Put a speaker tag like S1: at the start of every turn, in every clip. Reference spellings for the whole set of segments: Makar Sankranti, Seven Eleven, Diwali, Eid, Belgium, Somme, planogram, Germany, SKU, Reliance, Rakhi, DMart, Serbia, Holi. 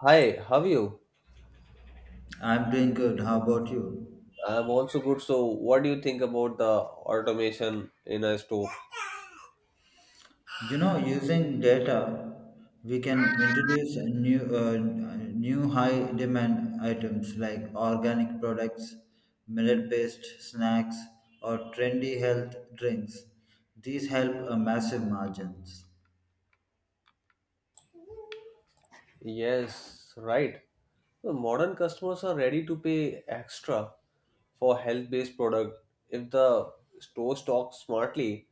S1: Hi, how are you?
S2: I'm doing good. How about you?
S1: I'm also good. So, what do you think about the automation in a store?
S2: You know, using data, we can introduce a new high demand items like organic products, millet-based snacks, or trendy health drinks. These help a massive margins.
S1: Yes, right. The modern customers are ready to pay extra for health-based product if the store stocks smartly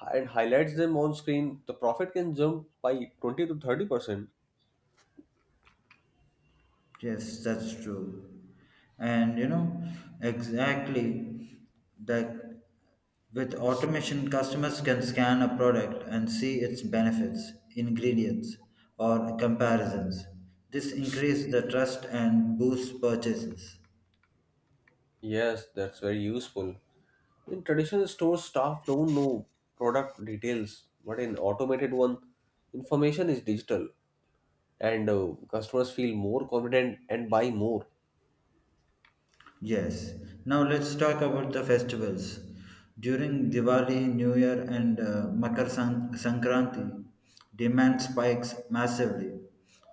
S1: and highlights them on screen. The profit can jump by 20 to 30%.
S2: Yes, that's true. And you know, exactly that with automation, customers can scan a product and see its benefits, ingredients, or comparisons. This increases the trust and boosts purchases.
S1: Yes, that's very useful. In traditional stores, staff don't know product details, but in automated one, information is digital. And customers feel more confident and buy more.
S2: Yes. Now let's talk about the festivals. During Diwali, New Year, and Sankranti, demand spikes massively.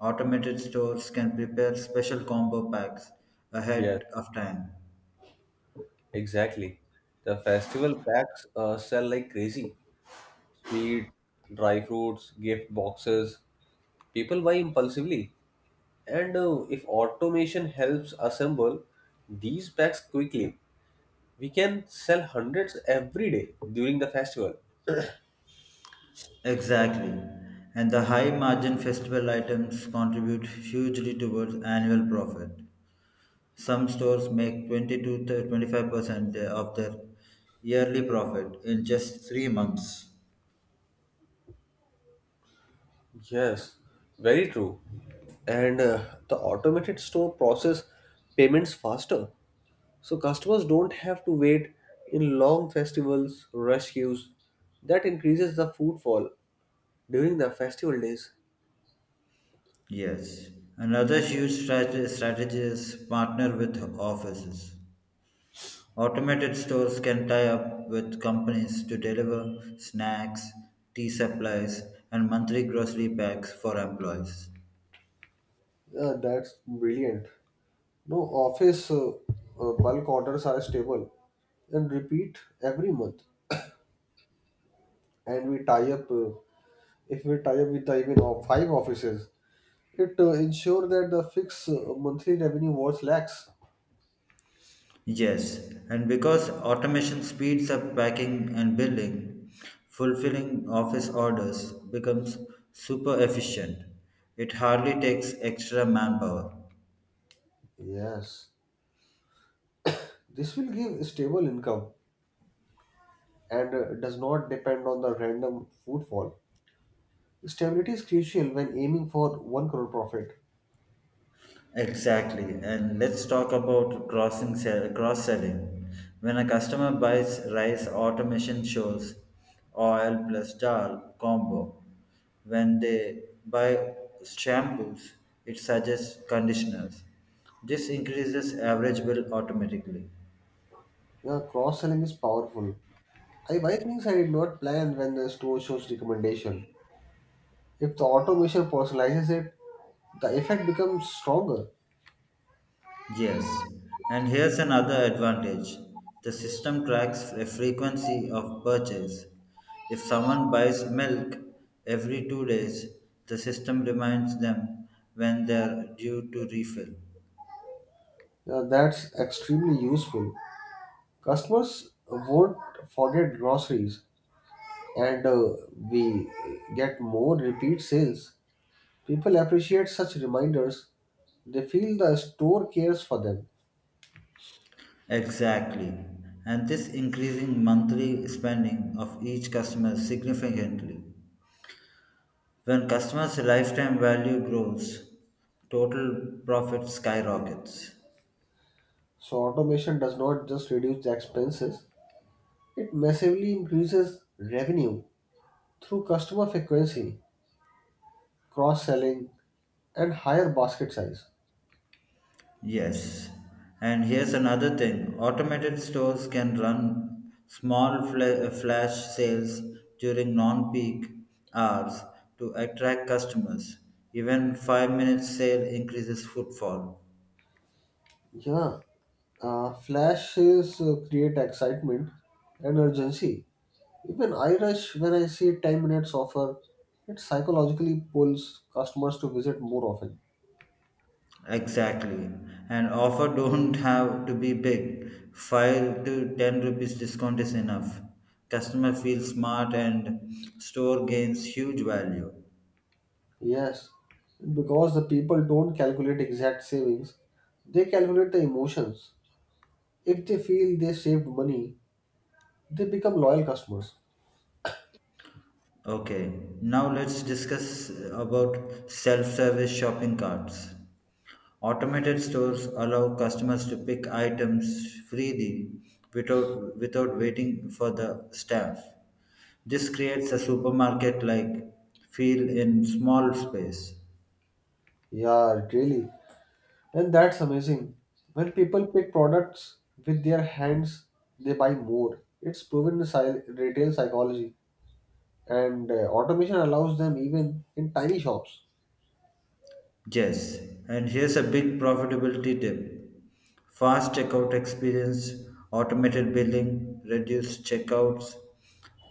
S2: Automated stores can prepare special combo packs
S1: Yes,
S2: ahead of time.
S1: exactly. The festival packs sell like crazy. Sweet, dry fruits, gift boxes. People buy impulsively. And if automation helps assemble these packs quickly, we can sell hundreds every day during the festival.
S2: Exactly. And the high margin festival items contribute hugely towards annual profit. Some stores make 20 to 25% of their yearly profit in just 3 months.
S1: Yes, very true. And the automated store process payments faster. So customers don't have to wait in long festivals, rush queues. That increases the footfall during the festival days.
S2: Yes, another huge strategies partner with offices. Automated stores can tie up with companies to deliver snacks, tea supplies, and monthly grocery packs for employees.
S1: Yeah, that's brilliant. No, office bulk orders are stable and repeat every month. And if we tie up with the even of five offices, it ensure that the fixed monthly revenue was lakhs.
S2: Yes, and because automation speeds up packing and billing, fulfilling office orders becomes super efficient. It hardly takes extra manpower.
S1: Yes, this will give stable income and does not depend on the random footfall. Stability is crucial when aiming for 1 crore profit.
S2: Exactly. And let's talk about cross selling. When a customer buys rice automation shows oil plus dal combo. When they buy shampoos, it suggests conditioners. This increases average bill automatically.
S1: Yeah, cross selling is powerful. I buy things I did not plan when the store shows recommendation. If the automation personalizes it, the effect becomes stronger.
S2: Yes, and here's another advantage the system tracks a frequency of purchase. If someone buys milk every 2 days, the system reminds them when they're due to refill.
S1: Yeah, that's extremely useful. Customers won't forget groceries, and we get more repeat sales. People appreciate such reminders. They feel the store cares for them.
S2: Exactly, and this increasing monthly spending of each customer significantly. When customers' lifetime value grows, total profit skyrockets.
S1: So automation does not just reduce the expenses, it massively increases revenue through customer frequency, cross-selling, and higher basket size.
S2: Yes, and here's another thing automated stores can run small flash sales during non peak hours to attract customers. Even 5-minute sale increases footfall.
S1: Yeah, flashes create excitement and urgency. Even I rush when I see 10 minutes offer, it psychologically pulls customers to visit more often.
S2: Exactly, and offer don't have to be big. 5 to 10 rupees discount is enough. Customer feels smart and store gains huge value.
S1: Yes, because the people don't calculate exact savings, they calculate the emotions. If they feel they saved money, they become loyal customers.
S2: Okay, now let's discuss about self-service shopping carts. Automated stores allow customers to pick items freely without waiting for the staff. This creates a supermarket-like feel in small space.
S1: Yeah, it really. And that's amazing. When people pick products with their hands, they buy more. It's proven the retail psychology, and automation allows them even in tiny shops.
S2: Yes, and here's a big profitability tip. Fast checkout experience, automated billing, reduced checkouts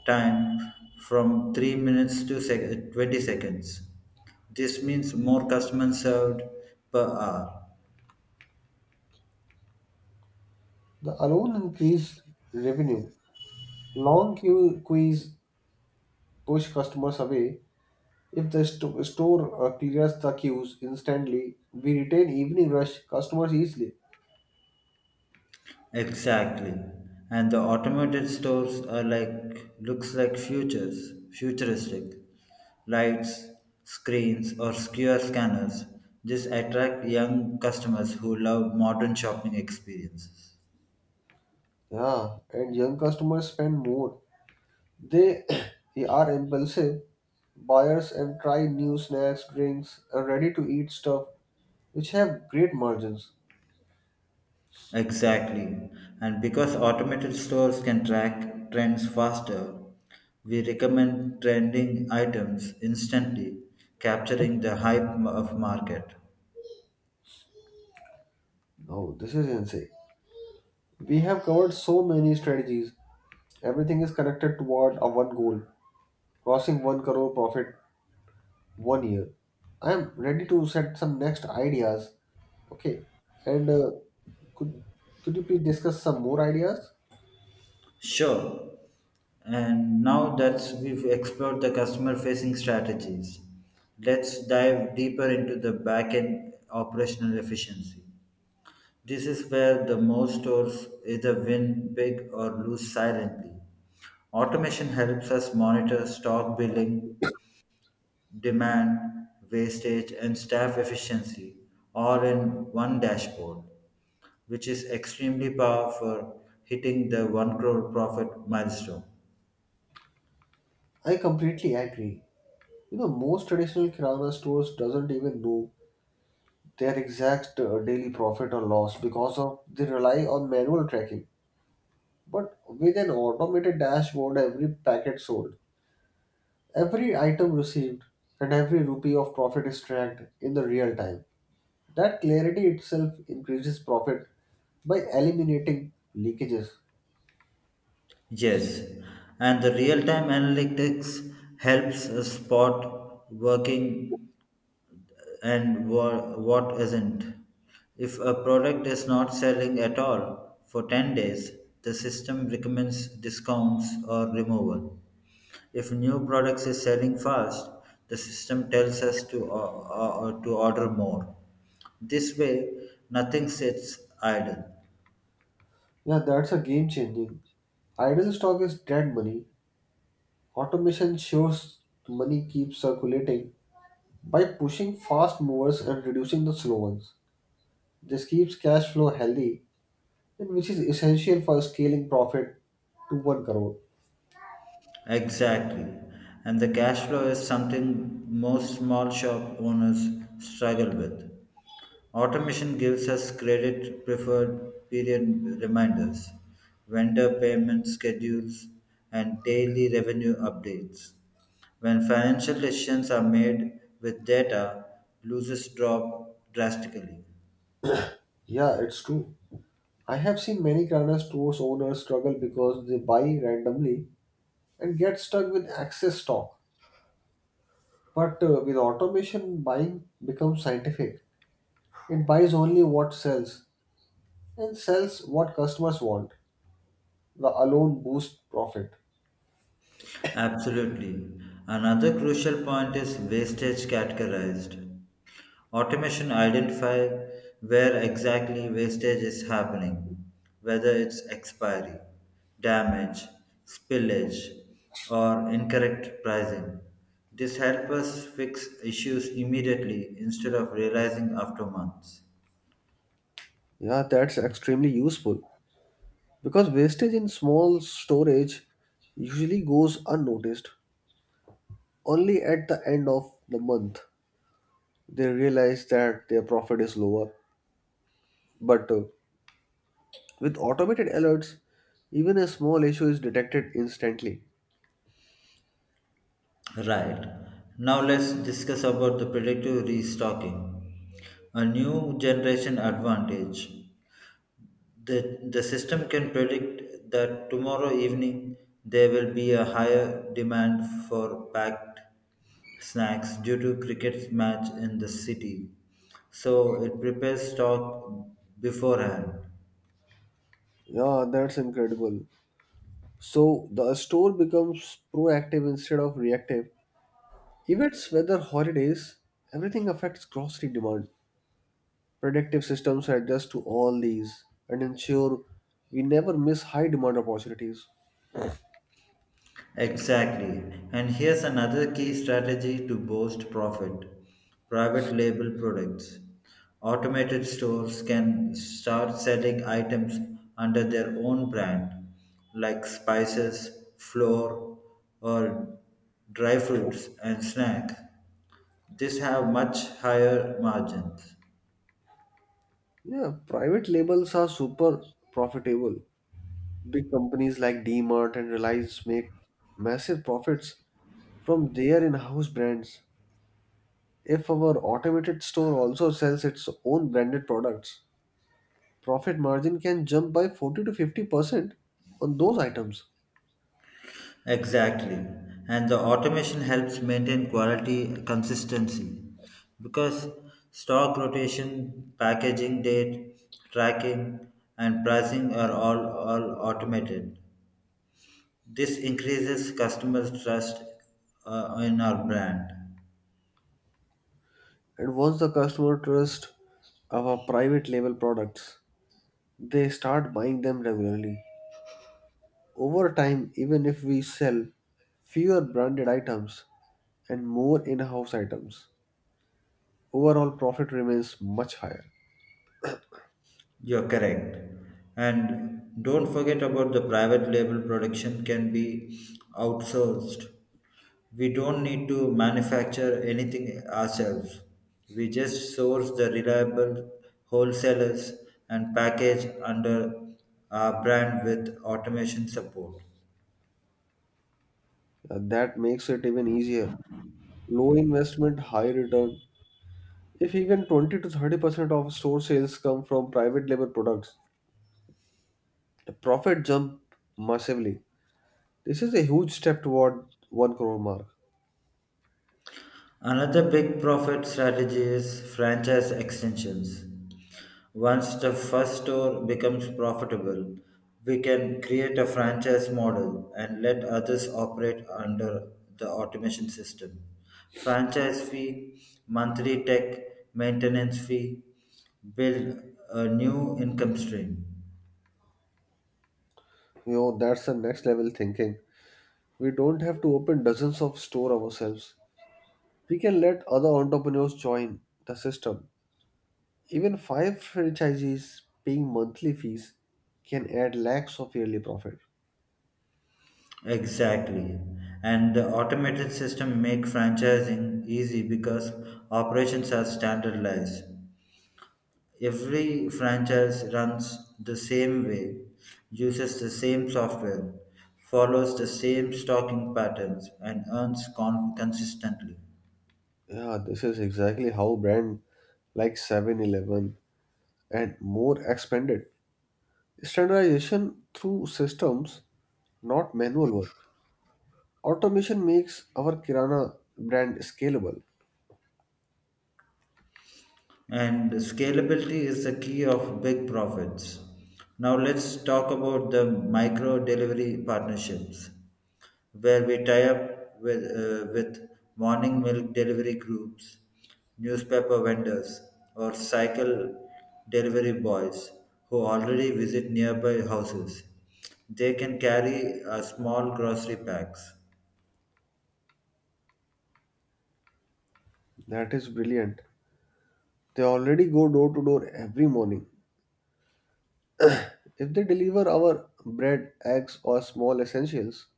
S2: time from 3 minutes 20 seconds. This means more customers served per hour.
S1: The alone increased revenue. Long queues push customers away. If the store clears the queues instantly, we retain evening rush customers easily.
S2: Exactly. And the automated stores are like futuristic. Lights, screens or QR scanners. This attract young customers who love modern shopping experiences.
S1: Yeah, and young customers spend more. They are impulsive buyers and try new snacks, drinks, and ready to eat stuff which have great margins.
S2: Exactly. And because automated stores can track trends faster, we recommend trending items instantly, capturing the hype of market.
S1: No, this is insane. We have covered so many strategies. Everything is connected toward a one goal, crossing 1 crore profit one year. I am ready to set some next ideas. Okay. And could could you please discuss some more ideas?
S2: Sure. And now that we've explored the customer facing strategies, let's dive deeper into the back end operational efficiency. This is where the most stores either win big or lose silently. Automation helps us monitor stock billing, demand, wastage, and staff efficiency all in one dashboard, which is extremely powerful for hitting the 1 crore profit milestone.
S1: I completely agree. You know, most traditional kirana stores doesn't even know their exact daily profit or loss because of they rely on manual tracking. But with an automated dashboard, every packet sold, every item received, and every rupee of profit is tracked in the real time. That clarity itself increases profit by eliminating leakages.
S2: Yes, and the real-time analytics helps us spot working and what isn't. If a product is not selling at all for 10 days, the system recommends discounts or removal. If new products is selling fast, the system tells us to order more. This way, nothing sits idle.
S1: Yeah, that's a game changing. Idle stock is dead money. Automation shows money keeps circulating by pushing fast movers and reducing the slow ones. This keeps cash flow healthy, and which is essential for scaling profit toward growth.
S2: Exactly. And the cash flow is something most small shop owners struggle with. Automation gives us credit preferred period reminders, vendor payment schedules, and daily revenue updates. When financial decisions are made with data, losses drop drastically.
S1: Yeah, it's true. I have seen many Kirana stores owners struggle because they buy randomly and get stuck with excess stock. But with automation, buying becomes scientific. It buys only what sells and sells what customers want. The alone boosts profit.
S2: Absolutely. Another crucial point is wastage categorized. Automation identify where exactly wastage is happening, whether it's expiry, damage, spillage, or incorrect pricing. This helps us fix issues immediately instead of realizing after months.
S1: Yeah, that's extremely useful because wastage in small storage usually goes unnoticed. Only at the end of the month they realize that their profit is lower. But with automated alerts, even a small issue is detected instantly.
S2: Right. Now let's discuss about the predictive restocking, a new generation advantage. The system can predict that tomorrow evening there will be a higher demand for packed snacks due to cricket match in the city. So it prepares stock beforehand.
S1: Yeah, that's incredible. So the store becomes proactive instead of reactive. Events, weather, holidays, everything affects grocery demand. Predictive systems adjust to all these and ensure we never miss high demand opportunities.
S2: Exactly. And here's another key strategy to boost profit private label products. Automated stores can start selling items under their own brand, like spices, flour, or dry fruits and snacks. These have much higher margins.
S1: Yeah, private labels are super profitable. Big companies like DMart and Reliance make massive profits from their in-house brands. If our automated store also sells its own branded products, profit margin can jump by 40 to 50% on those items.
S2: Exactly. And the automation helps maintain quality consistency because stock rotation, packaging date, tracking, and pricing are all automated. This increases customers' trust in our brand.
S1: And once the customer trusts our private label products, they start buying them regularly. Over time, even if we sell fewer branded items and more in-house items, overall profit remains much higher.
S2: You're correct. And don't forget about the private label production can be outsourced. We don't need to manufacture anything ourselves. We just source the reliable wholesalers and package under our brand with automation support.
S1: That makes it even easier. Low investment, high return. If even 20 to 30% of store sales come from private label products, the profit jump massively. This is a huge step toward 1 crore mark.
S2: Another big profit strategy is franchise extensions. Once the first store becomes profitable, we can create a franchise model and let others operate under the automation system. Franchise fee, monthly tech maintenance fee, build a new income stream.
S1: You know, that's the next level thinking. We don't have to open dozens of store ourselves. We can let other entrepreneurs join the system. Even five franchisees paying monthly fees can add lakhs of yearly profit.
S2: Exactly. And the automated system make franchising easy because operations are standardized. Every franchise runs the same way, uses the same software, follows the same stocking patterns, and earns consistently.
S1: Yeah, this is exactly how brand like 7-Eleven and more expanded standardization through systems, not manual work. Automation makes our Kirana brand scalable.
S2: And scalability is the key of big profits. Now let's talk about the micro delivery partnerships, where we tie up with, with morning milk delivery groups, newspaper vendors, or cycle delivery boys who already visit nearby houses. They can carry a small grocery packs.
S1: That is brilliant. They already go door to door every morning. If they deliver our bread, eggs, or small essentials,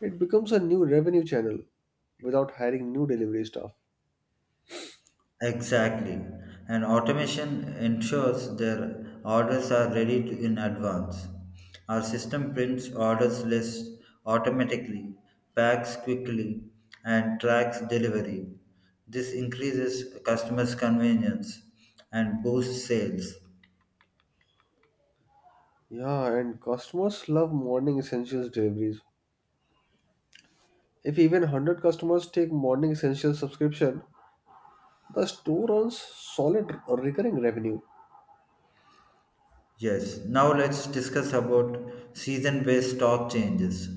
S1: it becomes a new revenue channel without hiring new delivery staff.
S2: Exactly. And automation ensures their orders are ready to, in advance. Our system prints orders lists automatically, packs quickly, and tracks delivery. This increases customers' convenience and boosts sales.
S1: Yeah, and customers love morning essentials deliveries. If even 100 customers take morning essential subscription, the store earns solid recurring revenue.
S2: Yes, now let's discuss about season based stock changes.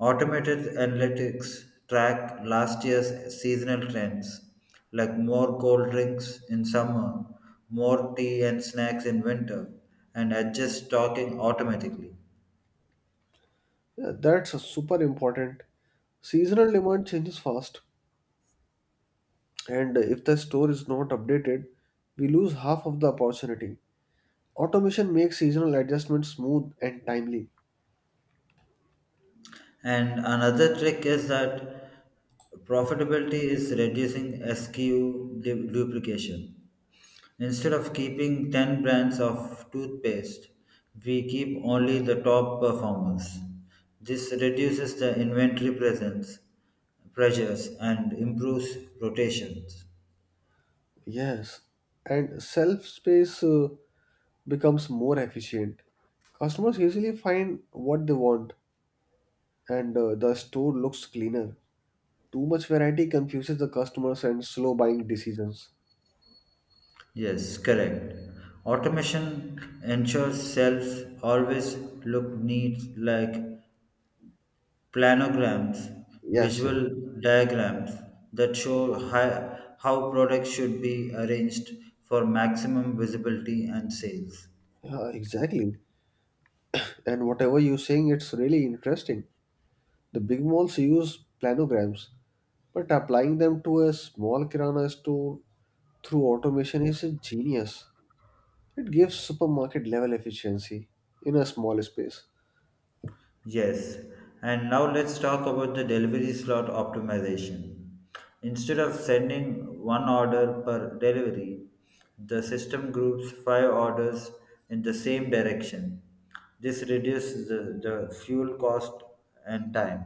S2: Automated analytics track last year's seasonal trends, like more cold drinks in summer, more tea and snacks in winter, and adjust stocking automatically.
S1: Yeah, that's super important. Seasonal demand changes fast, and if the store is not updated, we lose half of the opportunity. Automation makes seasonal adjustments smooth and timely.
S2: And another trick is that profitability is reducing SKU duplication. Instead of keeping 10 brands of toothpaste, we keep only the top performers. This reduces the inventory presence, pressures and improves rotations.
S1: Yes, and self space becomes more efficient. Customers usually find what they want, and the store looks cleaner. Too much variety confuses the customers and slow buying decisions.
S2: Yes, correct. Automation ensures shelves always look neat like planograms,
S1: Yes, yes.
S2: visual diagrams that show how products should be arranged for maximum visibility and sales.
S1: Yeah, exactly. And whatever you're saying, it's really interesting. The big malls use planograms, but applying them to a small kirana store through automation is a genius. It gives supermarket level efficiency in a small space.
S2: Yes, and now let's talk about the delivery slot optimization. Instead of sending one order per delivery, the system groups 5 orders in the same direction. This reduces the fuel cost and time.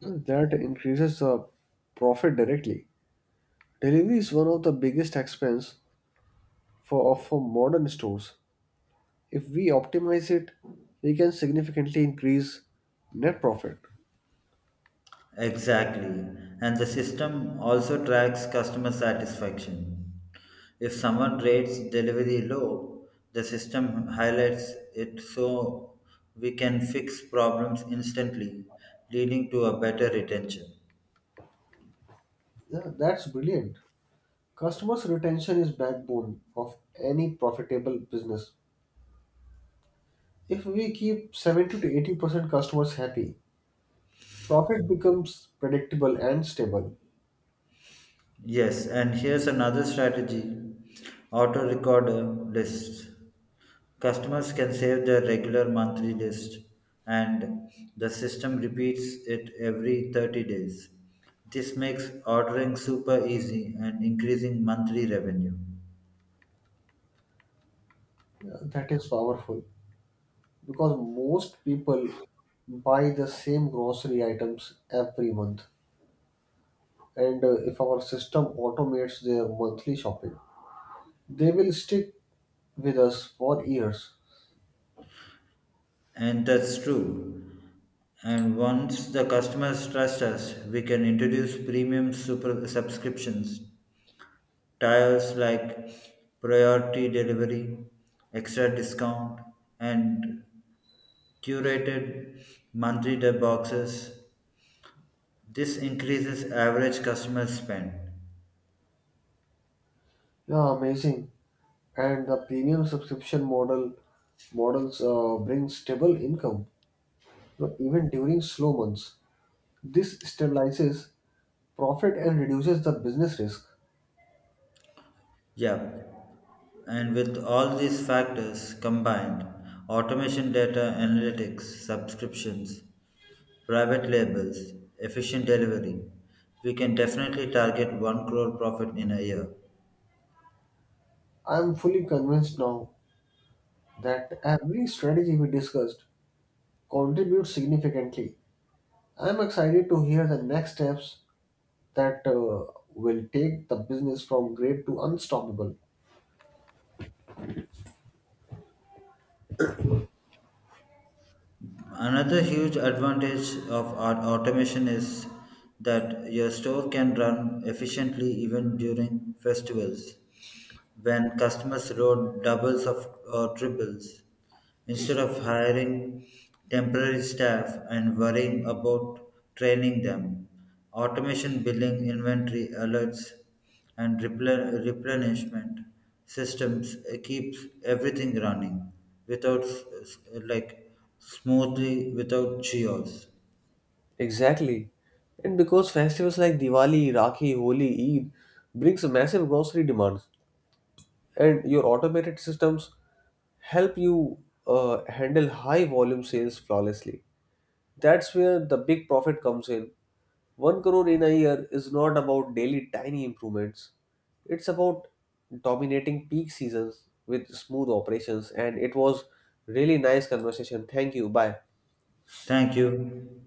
S1: That increases the profit directly. Delivery is one of the biggest expense for modern stores. If we optimize it, we can significantly increase net profit.
S2: Exactly. And the system also tracks customer satisfaction. If someone rates delivery low, the system highlights it so we can fix problems instantly, leading to a better retention.
S1: Yeah, that's brilliant. Customers' retention is backbone of any profitable business. If we keep 70 to 80% customers happy, profit becomes predictable and stable.
S2: Yes, and here's another strategy auto recorder lists. Customers can save their regular monthly list and the system repeats it every 30 days. This makes ordering super easy and increasing monthly revenue.
S1: Yeah, that is powerful because most people buy the same grocery items every month. And if our system automates their monthly shopping, they will stick with us for years.
S2: And that's true. And once the customers trust us, we can introduce premium super subscriptions Tiers like priority delivery, extra discount, and curated monthly debt boxes. This increases average customer spend.
S1: Yeah, amazing. And the premium subscription models bring stable income, even during slow months. This stabilizes profit and reduces the business risk.
S2: Yeah, and with all these factors combined, automation data analytics, subscriptions, private labels, efficient delivery, we can definitely target 1 crore profit in a year.
S1: I am fully convinced now that every strategy we discussed contributes significantly. I am excited to hear the next steps that will take the business from great to unstoppable.
S2: Another huge advantage of automation is that your store can run efficiently even during festivals when customers wrote doubles of, or triples instead of hiring temporary staff and worrying about training them. Automation billing, inventory alerts, and replenishment systems keeps everything running without like smoothly without chaos.
S1: Exactly. And because festivals like Diwali, Rakhi, Holi, Eid brings massive grocery demands and your automated systems help you handle high volume sales flawlessly. That's where the big profit comes in. 1 crore in a year is not about daily tiny improvements. It's about dominating peak seasons with smooth operations and it was really nice conversation. Thank you. Bye.
S2: Thank you.